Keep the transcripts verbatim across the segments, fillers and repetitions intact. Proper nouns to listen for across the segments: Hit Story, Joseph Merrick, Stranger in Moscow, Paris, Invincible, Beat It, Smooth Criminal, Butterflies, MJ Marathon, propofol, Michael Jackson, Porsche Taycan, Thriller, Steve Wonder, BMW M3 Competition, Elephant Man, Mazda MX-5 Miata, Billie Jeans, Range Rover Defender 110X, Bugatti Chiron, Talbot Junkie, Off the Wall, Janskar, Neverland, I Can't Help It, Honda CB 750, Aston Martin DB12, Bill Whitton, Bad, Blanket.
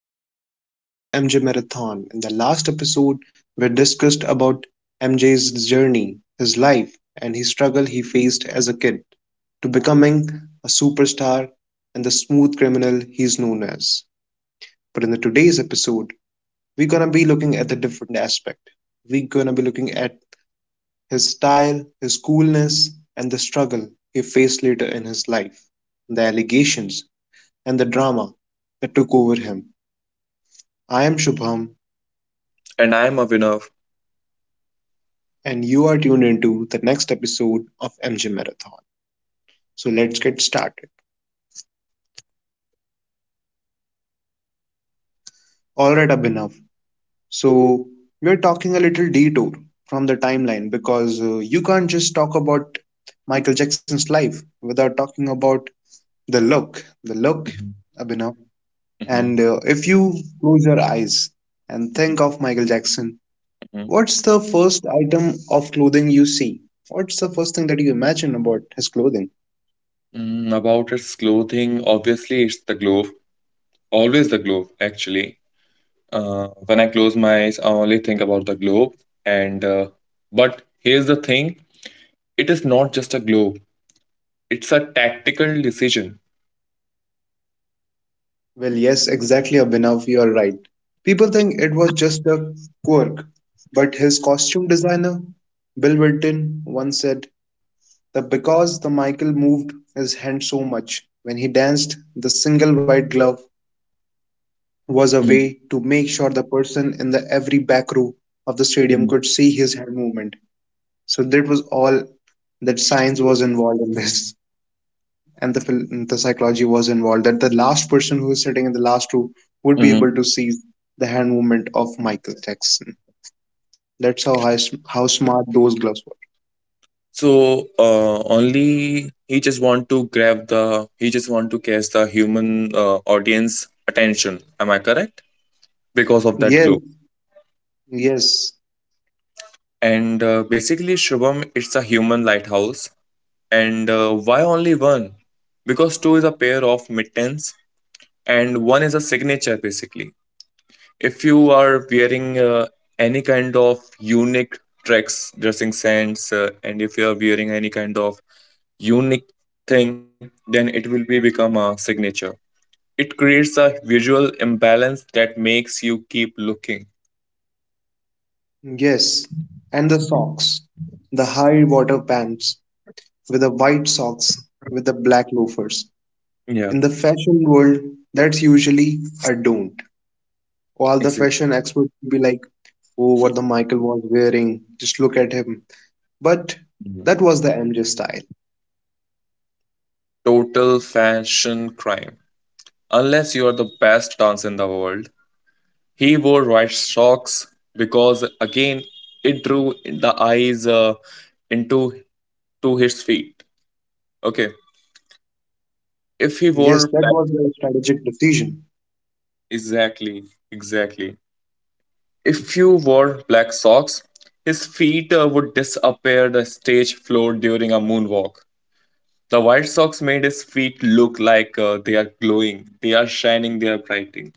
episode of M J Marathon. In the last episode, we discussed about M J's journey, his life, and his struggle he faced as a kid to becoming a superstar and the smooth criminal he's known as. But in the today's episode, we're gonna be looking at the different aspect. We're gonna be looking at his style, his coolness, and the struggle he faced later in his life, the allegations and the drama that took over him. I am Shubham, And I'm Avinav. and you are tuned into the next episode of M G Marathon. So let's get started. All right, Abhinav. So we're talking a little detour from the timeline because uh, you can't just talk about Michael Jackson's life without talking about the look, the look, Mhm, Abhinav. mhm, And uh, if you close your eyes and think mhm, of Michael Jackson, mhm. what's the first item of clothing you see? What's the first thing that you imagine about his clothing? Mm, about its clothing, obviously it's the globe. Always the globe, actually. Uh, when I close my eyes, I only think about the globe. And uh, but here's the thing: it is not just a globe. It's a tactical decision. Well, yes, exactly, Abhinav, you're right. People think it was just a quirk, but his costume designer, Bill Whitton, once said that because the Michael moved his hand so much when he danced, the single white glove was a Mhm, way to make sure the person in the every back row of the stadium mhm, could see his hand movement. So that was all that science was involved in this. And the the psychology was involved, that the last person who is sitting in the last row would be mhm. able to see the hand movement of Michael Jackson. That's how high, how smart those gloves were. So uh, only he just want to grab the he just want to catch the human uh, audience attention. Am I correct? Because of that Yes, globe. yes, And uh, basically, Shubham, it's a human lighthouse. And uh, why only one? Because two is a pair of mittens, and one is a signature, basically. If you are wearing uh, any kind of unique tracks, dressing sense, uh, and if you are wearing any kind of unique thing, then it will be become a signature. It creates a visual imbalance that makes you keep looking. yes. And the socks, the high water pants with the white socks with the black loafers. Yeah, In the fashion world, that's usually a don't. While the exactly. fashion experts would be like, "Oh, what the Michael was wearing, just look at him." But that was the M J style. Total fashion crime. unless you are the best dancer in the world. He wore white socks because again it drew the eyes uh, into to his feet. Okay, if he Yes, wore that black. was a strategic decision. Exactly, exactly. If you wore black socks, his feet uh, would disappear the stage floor during a moonwalk. The white socks made his feet look like uh, they are glowing, they are shining, they are brightening.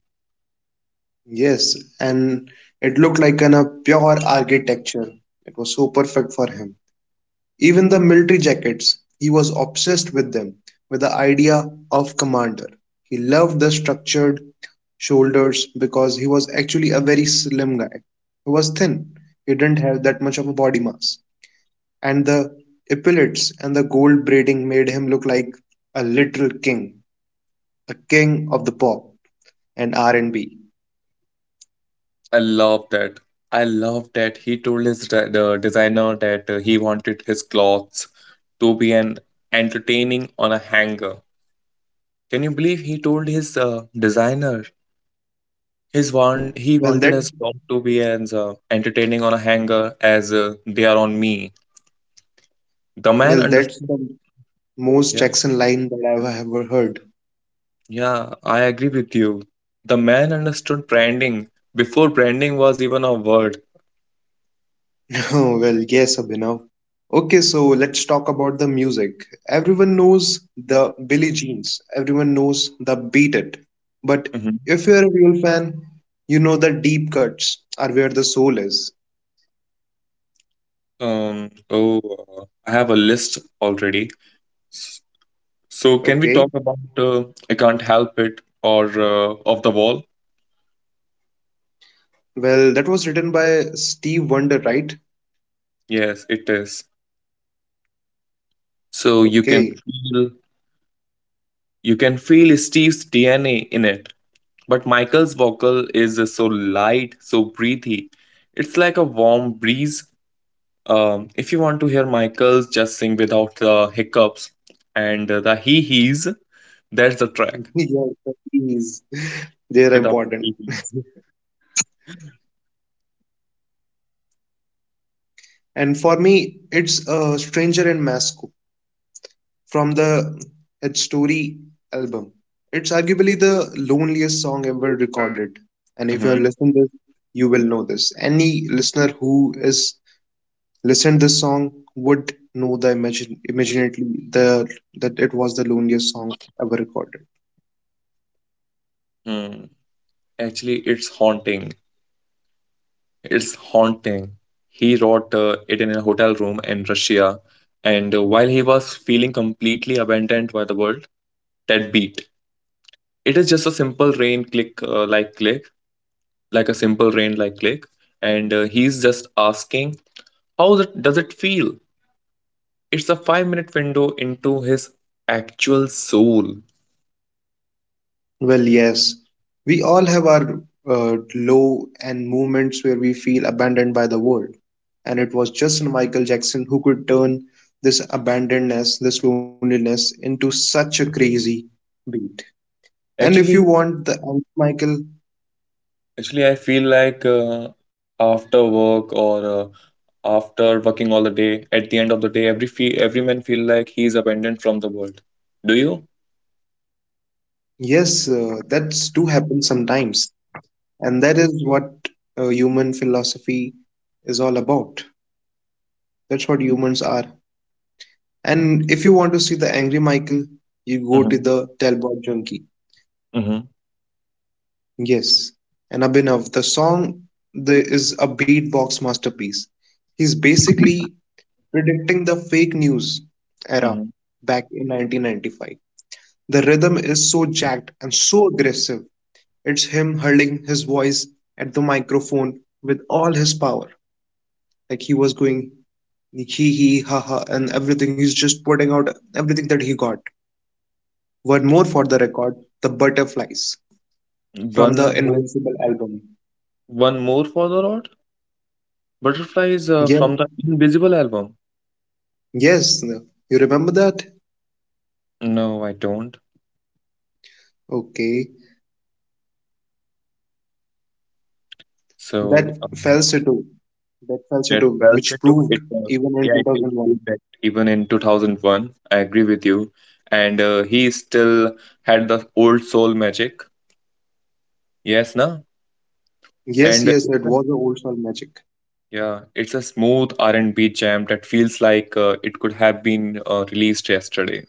Yes, and it looked like an a pure architecture. It was so perfect for him. Even the military jackets, he was obsessed with them, with the idea of commander. He loved the structured shoulders because he was actually a very slim guy. He was thin. He didn't have that much of a body mass. And the epaulets and the gold braiding made him look like a literal king, a king of the pop and R and B. I love that. I love that he told his de- the designer that uh, he wanted his clothes to be an entertaining on a hanger. Can you believe he told his uh, designer his one Well, that he wanted his cloth to be as uh, entertaining on a hanger as uh, they are on me. The man well, that's understood. the most Yeah, Jackson line that I've ever heard. yeah, I agree with you. The man understood branding before branding was even a word. Oh, well, yes, Abhinav. Okay, so let's talk about the music. Everyone knows the Billie Jeans. Everyone knows the Beat It. But Mhm. if you're a real fan, you know the deep cuts are where the soul is. Um. Oh, uh, I have a list already. So, can we talk Okay. about uh, I Can't Help It or uh, Off the Wall? Well, that was written by Steve Wonder, right? Yes, it is. So you can Okay. feel you can feel Steve's D N A in it, but Michael's vocal is uh, so light, so breathy. It's like a warm breeze. Um, if you want to hear Michael's just sing without the hiccups and uh, the hee hees, that's the track Yes, please. They're without the important. hee hees. And for me, it's a stranger in Moscow, from the Hit Story album. It's arguably the loneliest song ever recorded. And if you have listened this, Mhm. you will know this. Any listener who has listened this song would know the imagine immediately the that it was the loneliest song ever recorded. Hmm. Actually, it's haunting. It's haunting. He wrote uh, it in a hotel room in Russia, and uh, while he was feeling completely abandoned by the world, that beat. It is just a simple rain click, uh, like click, like a simple rain, like click, and uh, he's just asking, how th- does it feel? It's a five-minute window into his actual soul. Well, yes, we all have our uh, low and moments where we feel abandoned by the world. And it was just Michael Jackson who could turn this abandonedness, this loneliness into such a crazy beat. And if you Actually, want the answer, Michael, actually, I feel like uh, after work or uh, after working all the day at the end of the day every fe- every man feel like he is abandoned from the world do you. yes, uh, that's do happen sometimes. And that is what uh, human philosophy is all about. That's what humans are. And if you want to see the angry Michael, you go to Mm-hmm. the Talbot Junkie. Mm-hmm. Yes, and Abhinav, the song the, is a beatbox masterpiece. He's basically predicting the fake news era Mm-hmm. back in nineteen ninety-five. The rhythm is so jacked and so aggressive. It's him hurling his voice at the microphone with all his power. Like he was going he, he, ha, ha, and everything. He's just putting out everything that he got. One more for the record, The Butterflies from the one more Invincible album. one more for the rod butterfly is uh, Yes. from the invisible album. Yes, no. You remember that? No, I don't. Okay, that So um, falsetto, that it falsetto, felt which it to proved it uh, even in yeah it is two thousand one. true that even in two thousand one I agree with you. And uh, he still had the old soul magic, yes na. Yes, And yes, it was the old soul magic. yeah, it's a smooth R and B jam that feels like uh, it could have been uh, released yesterday.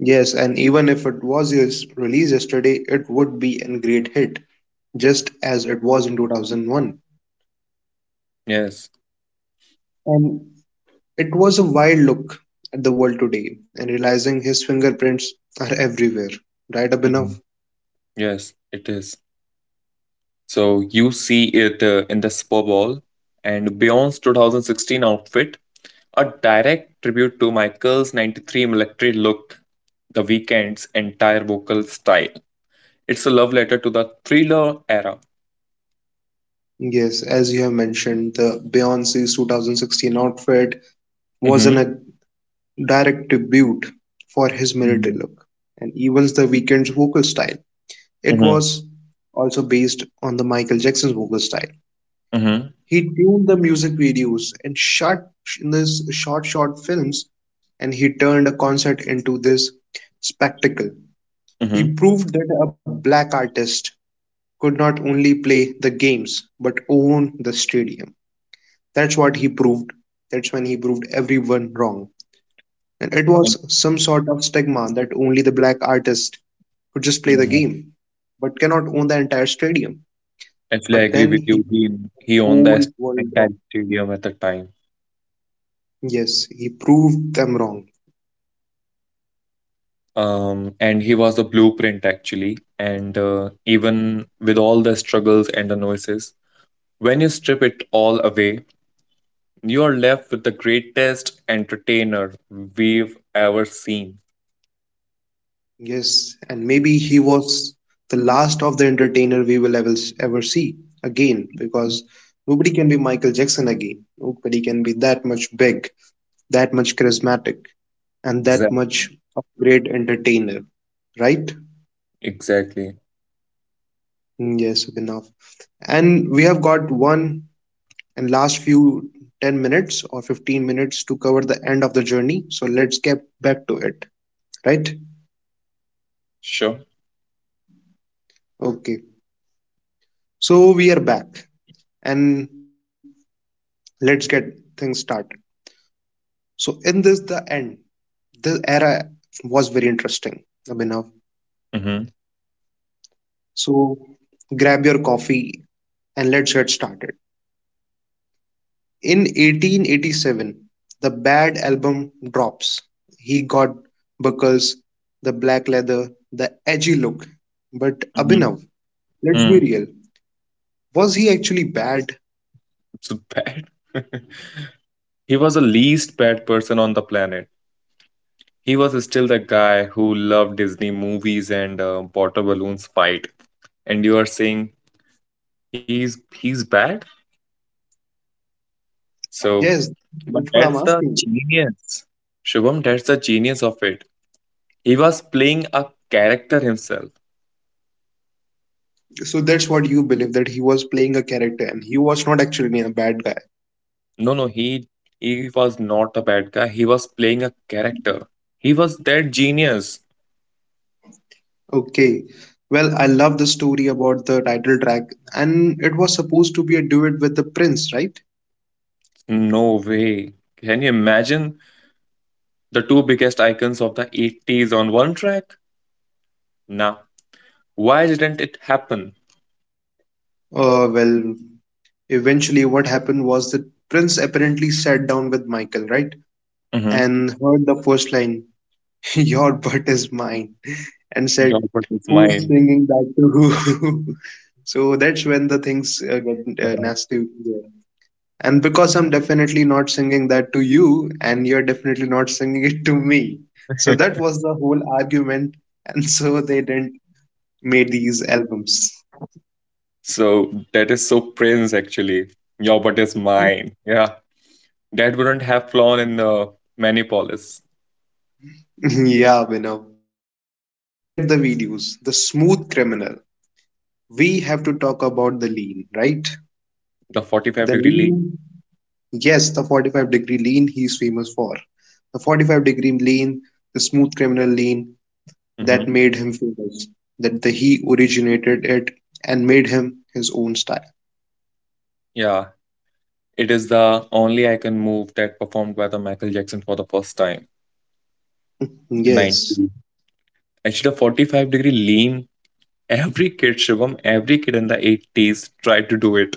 Yes, and even if it was yes- released yesterday, it would be a great hit, just as it was in two thousand one. Yes, And it was a wild look at the world today, and realizing his fingerprints are everywhere. Right, Abhinav? mhm, yes, it is. So you see it uh, in the Super Bowl and Beyonce's twenty sixteen outfit, a direct tribute to Michael's ninety-three military look, The Weeknd's entire vocal style. It's a love letter to the Thriller era. Yes, as you have mentioned, the Beyoncé's twenty sixteen outfit was Mm-hmm. an direct tribute for his military Mhm. look, and evens the Weeknd's vocal style. It Mm-hmm. was also based on the Michael Jackson's vocal style. Mm-hmm. He tuned the music videos and shot in this short short films, and he turned a concert into this spectacle. He proved that a black artist could not only play the games but own the stadium. That's what he proved. That's when he proved everyone wrong. And it was some sort of stigma that only the black artist could just play the Mm-hmm. game, but cannot own the entire stadium. Actually, I But agree with then you. he proved He he the owned the whole est- world entire wrong. stadium at the time. Yes, he proved them wrong. Um, and he was the blueprint actually. And uh, even with all the struggles and the noises, when you strip it all away, you are left with the greatest entertainer we've ever seen. Yes, and maybe he was the last of the entertainer we will ever, ever see again because nobody can be Michael Jackson again. Nobody can be that much big, that much charismatic, and that Exactly. much of great entertainer, right? Exactly. Mm, yes, enough. And we have got one and last few ten minutes or fifteen minutes to cover the end of the journey. So let's get back to it, right? Sure. Okay. So we are back and let's get things started. So in this, the end, the era was very interesting, Abhinav. Mm-hmm. So grab your coffee and let's get started. In eighteen eighty-seven, the Bad album drops. He got buckles, the black leather, the edgy look. But Mm-hmm. Abhinav, let's be Mm. real. Was he actually bad? So bad. He was the least bad person on the planet. He was still the guy who loved Disney movies and uh, water balloons fight. And you are saying he's he's bad? So, Yes, but that's what I'm that's the asking you. genius. Shubham, that's the genius of it. He was playing a character himself. So that's what you believe, that he was playing a character and he was not actually a bad guy. No, no, he he was not a bad guy. He was playing a character. He was that genius. Okay. Well, I love the story about the title track, and it was supposed to be a duet with the Prince, right? No way. Can you imagine the two biggest icons of the eighties on one track? Nah. Why didn't it happen? Uh, well, Eventually, what happened was that Prince apparently sat down with Michael, right? Mhm. And heard the first line, "Your butt is mine," and Your said, butt is "Who's mine. singing that to who?" So that's when the things uh, get uh, Yeah. nasty. And because I'm definitely not singing that to you, and you're definitely not singing it to me. So that was the whole argument. And so they didn't made these albums. So that is so Prince actually. Your butt is mine. Yeah. That wouldn't have flown in the Manipolis, Yeah, Vinav. But look at the videos. The Smooth Criminal. We have to talk about the lean, right? the 45 The degree lean. lean, yes, the forty-five degree lean he's famous for. The forty-five degree lean, the smooth criminal lean Hmm. that made him famous, that the, he originated it and made him his own style. Yeah. It is the only icon move that performed by the Michael Jackson for the first time in Yes. nineteen. Actually, the forty-five degree lean, every kid, Shivam, every kid in the eighties tried to do it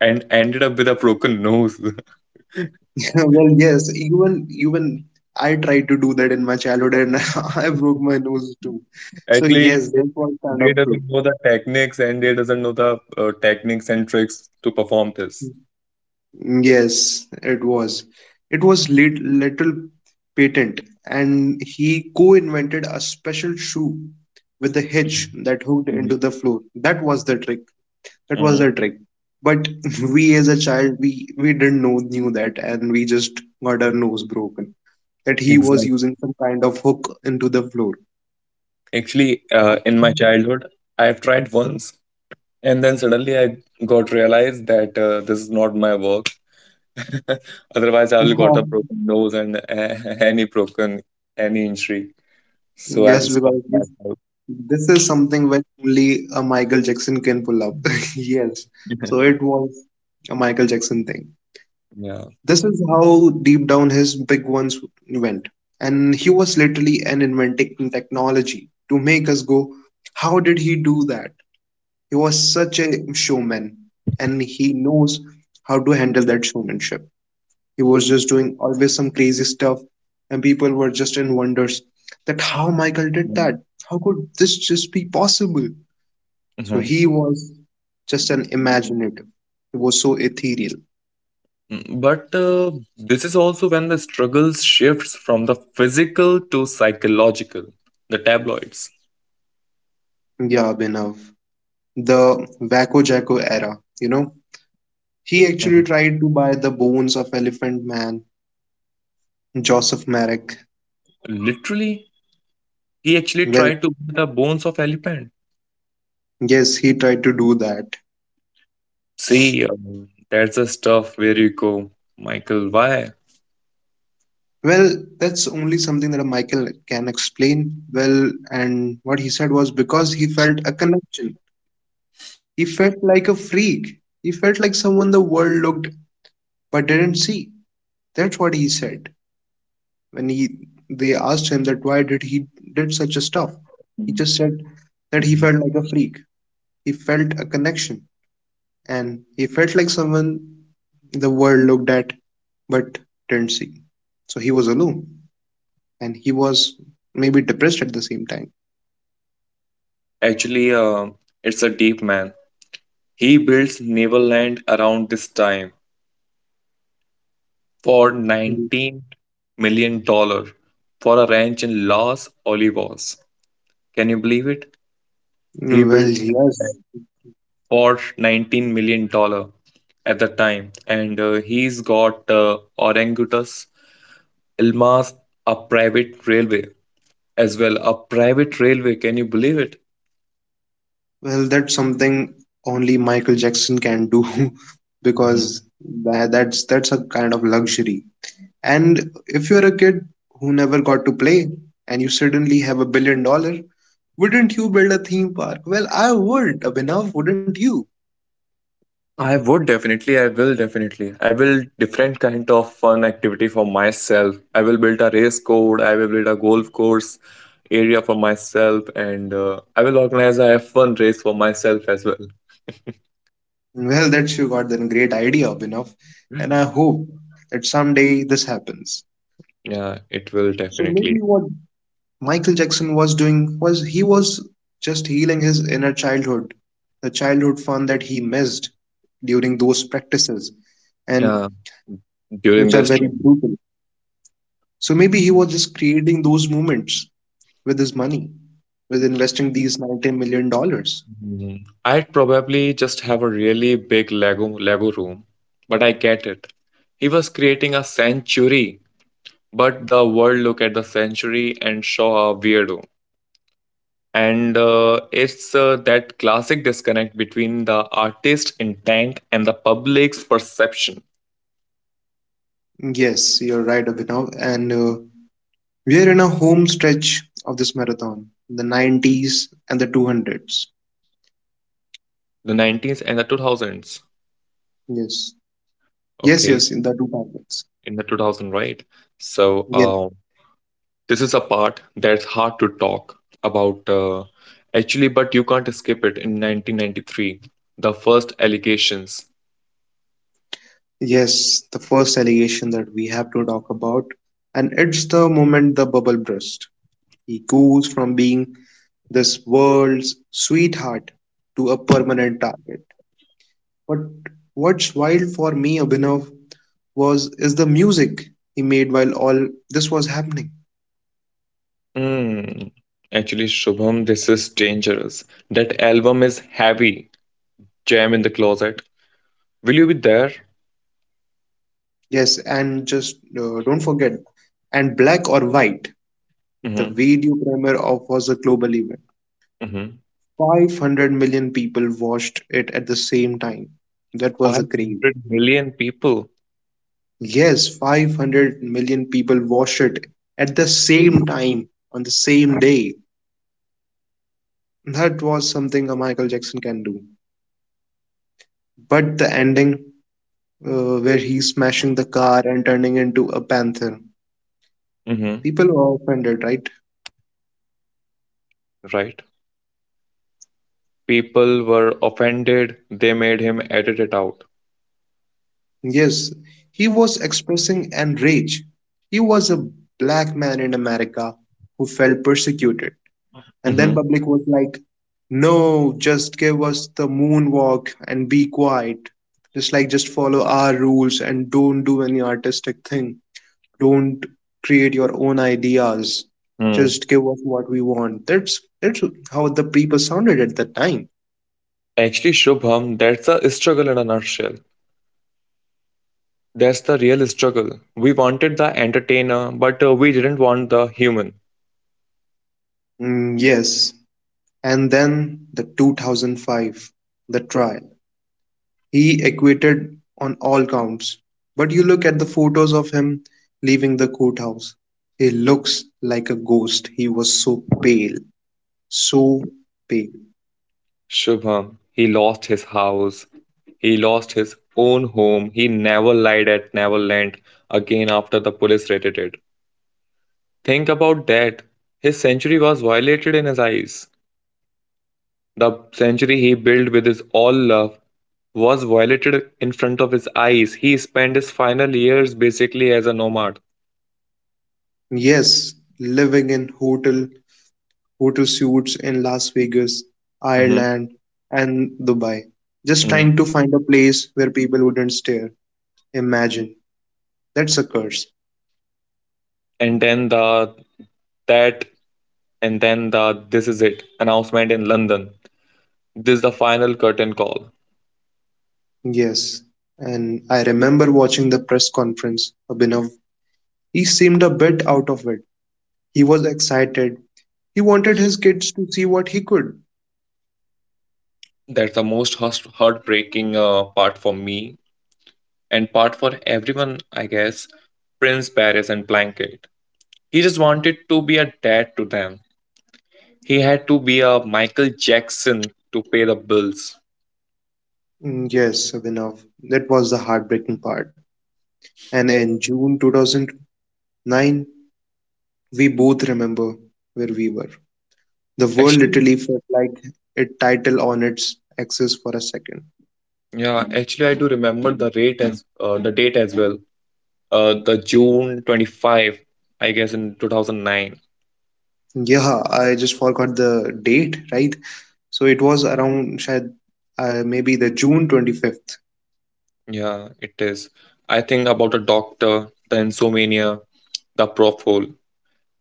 and ended up with a broken nose. Well, yes, even even I tried to do that in my childhood and I broke my nose too. At So least yes, they that was kind they of. doesn't know the techniques and they doesn't know the uh, techniques and tricks to perform this. Yes, it was. It was lit- little patent, and he co-invented a special shoe with a hitch Mhm. that hooked Mhm. into the floor. That was the trick. That was Mhm. the trick. But we, as a child, we we didn't know knew that, and we just got our nose broken. That he was Exactly. using some kind of hook into the floor. Actually, uh, in my childhood, I have tried once, and then suddenly I got realized that uh, this is not my work. Otherwise, I will got a broken nose and uh, any broken any injury. Yeah. So I will Yes, stop because this, myself. this is something which only a Michael Jackson can pull up. Yes. So it was a Michael Jackson thing. Yeah. This is how deep down his big ones went. And he was literally an inventing technology to make us go, how did he do that? He was such a showman and he knows how to handle that showmanship. He was just doing always some crazy stuff and people were just in wonders that how Michael did that? How could this just be possible? So Mhm. he was just an imaginative. He was so ethereal. Mm, But uh, this is also when the struggles shifts from the physical to psychological, the tabloids. Yeah, Abhinav, the Wacko Jacko era, you know. He actually Mhm. tried to buy the bones of Elephant Man, Joseph Merrick. Literally, he actually Well, tried to be the bones of elephant. yes, he tried to do that. See, uh, that's the stuff where you go, Michael, why? Well, that's only something that Michael can explain well. And what he said was because he felt a connection. He felt like a freak. He felt like someone the world looked but didn't see. That's what he said when he they asked him that why did he did such a stuff. Mhm. He just said Mhm. that he felt like a freak. He felt a connection, and he felt like someone the world looked at but didn't see. So he was alone, and he was maybe depressed at the same time. Actually, uh, it's a deep man. He builds Neverland around this time for Mm. nineteen million dollars for a ranch in Los Olivos. Can you believe it? He Well, built yes. or nineteen million dollars at the time and uh, he's got uh, orangutus ilma's a private railway as well, a private railway, can you believe it? Well, that's something only Michael Jackson can do Mhm. because that, that's that's a kind of luxury. And if you're a kid who never got to play and you suddenly have a billion dollar, wouldn't you build a theme park? Well, I would, Abhinav, wouldn't you? I would definitely, I will definitely. I will different kind of fun activity for myself. I will build a race code, I will build a golf course area for myself, and uh, I will organize a F one race for myself as well. Well, that you got a great idea, Abhinav, and I hope that someday this happens. Yeah, it will So definitely. maybe what Michael Jackson was doing was he was just healing his inner childhood, the childhood fun that he missed during those practices, and Yeah, during which are this very trip. brutal. So maybe he was just creating those moments with his money, with investing these ninety million dollars. Mm, I'd probably just have a really big Lego Lego room, but I get it. He was creating a sanctuary, but the world look at the sanctuary and saw a weirdo. And uh, it's uh, that classic disconnect between the artist's intent and the public's perception. Yes, you're right, Abhinav, and uh, we are in a home stretch of this marathon, the nineties and the two hundreds. The nineties and the two thousands. Yes, yes, Okay, yes, in the two thousands. in the two thousand, right? So, Yes, uh, this is a part that's hard to talk about, uh, actually, but you can't escape it. In nineteen ninety-three, the first allegations. yes, the first allegation that we have to talk about, and it's the moment the bubble burst. He goes from being this world's sweetheart to a permanent target. But what's wild for me, Abhinav, was is the music he made while all this was happening. Hmm. Actually, Shubham, this is dangerous. That album is heavy. Jam in the closet. Will you be there? Yes, and just uh, don't forget, and black or white, the Mm-hmm. video premiere of was a global event. Mm-hmm. five hundred million people watched it at the same time. That was a craze. five hundred million people. Yes, five hundred million people watched it at the same time on the same day. That was something a Michael Jackson can do. But the ending, uh, where he's smashing the car and turning into a panther, Mm-hmm. people were offended, right? Right. People were offended. They made him edit it out. Yes, he was expressing outrage. He was a black man in America who felt persecuted. And then Mm-hmm. public was like, no, just give us the moonwalk and be quiet. Just like just follow our rules and don't do any artistic thing. Don't create your own ideas. Hmm. Just give us what we want. That's that's how the people sounded at that time. Actually, Shubham, that's a struggle in a nutshell. That's the real struggle. We wanted the entertainer, but uh, we didn't want the human. Mm, yes. And then the two thousand five, the trial. He acquitted on all counts. But you look at the photos of him leaving the courthouse. He looks like a ghost. He was so pale, so pale. Shubham, he lost his house. He lost his own home. He never lied at Neverland again after the police raided it. Think about that. His century was violated in his eyes. The century he built with his all love was violated in front of his eyes. He spent his final years basically as a nomad. Yes, living in hotel hotel suites in Las Vegas, Mhm, Ireland, and Dubai. Just mhm. trying to find a place where people wouldn't stare. Imagine. That's a curse. And then the that and then the this is it announcement in London. This is the final curtain call. Yes. And I remember watching the press conference. Abhinav, he seemed a bit out of it. He was excited. He wanted his kids to see what he could. That's the most hus- heartbreaking uh, part for me and part for everyone, I guess. Prince Paris and Blanket. He just wanted to be a dad to them. He had to be a Michael Jackson to pay the bills. Mm, yes, Abhinav, that was the heartbreaking part. And in June two thousand nine, we both remember where we were. The world Actually, literally felt like a title on its axis for a second. yeah, actually, I do remember the rate as uh, the date as well. Uh, the June twenty-fifth, I guess in two thousand nine. Yeah, I just forgot the date, right? So it was around shayad, uh, maybe the June twenty-fifth. Yeah, it is. I think about a doctor, the insomnia, the propofol.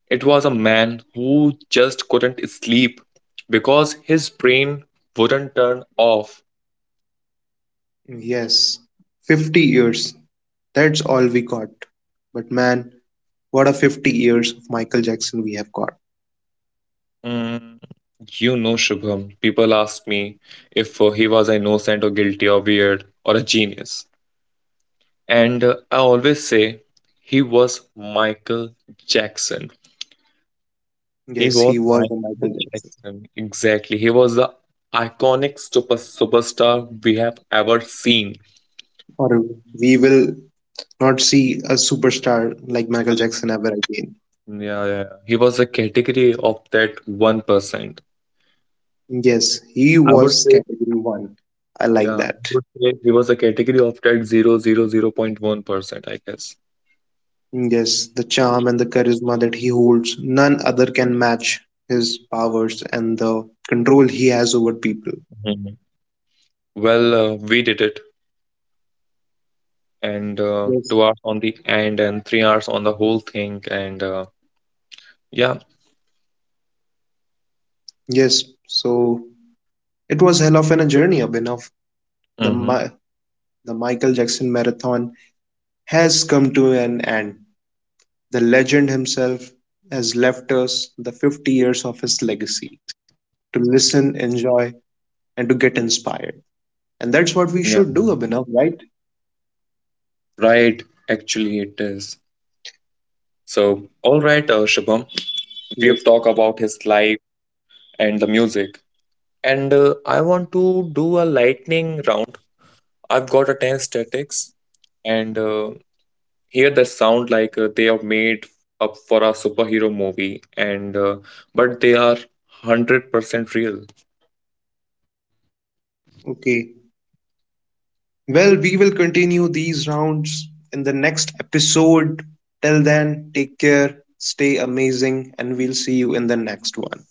It was a man who just couldn't sleep because his brain wouldn't turn off. Yes, fifty years. That's all we got. But man, what a fifty years of Michael Jackson we have got. Mm, you know, Shubham, people ask me if uh, he was innocent or guilty or weird or a genius. And uh, I always say he was Michael Jackson. He Yes, was he was a Michael Michael Jackson. Jackson. Exactly. He was the iconic super superstar we have ever seen. Or we will not see a superstar like Michael Like, Jackson ever again. yeah, yeah. He was a category of that one percent. Yes, he I would was say, category one. I like yeah, I that. would say he was a category of that zero zero zero point one percent. I guess. Yes, the charm and the charisma that he holds, none other can match his powers and the control he has over people. Mhm. Well, uh, we did it, and uh, Yes. two hours on the end, and three hours on the whole thing, and uh, yeah, Yes. So it was hell of an journey, Abhinav. The Mi- mm-hmm. the Michael Jackson marathon has come to an end. The legend himself has left us the fifty years of his legacy to listen, enjoy, and to get inspired. And that's what we should Yeah. do, Abhinav, right? Right, actually it is. So, all right, uh, Shubham, we have talked Yes. about his life and the music. And uh, I want to do a lightning round. I've got a ten statics and uh, here they sound like uh, they are made up for a superhero movie and uh, but they are one hundred percent real. Okay. Well, we will continue these rounds in the next episode. Till then, take care, stay amazing, and we'll see you in the next one.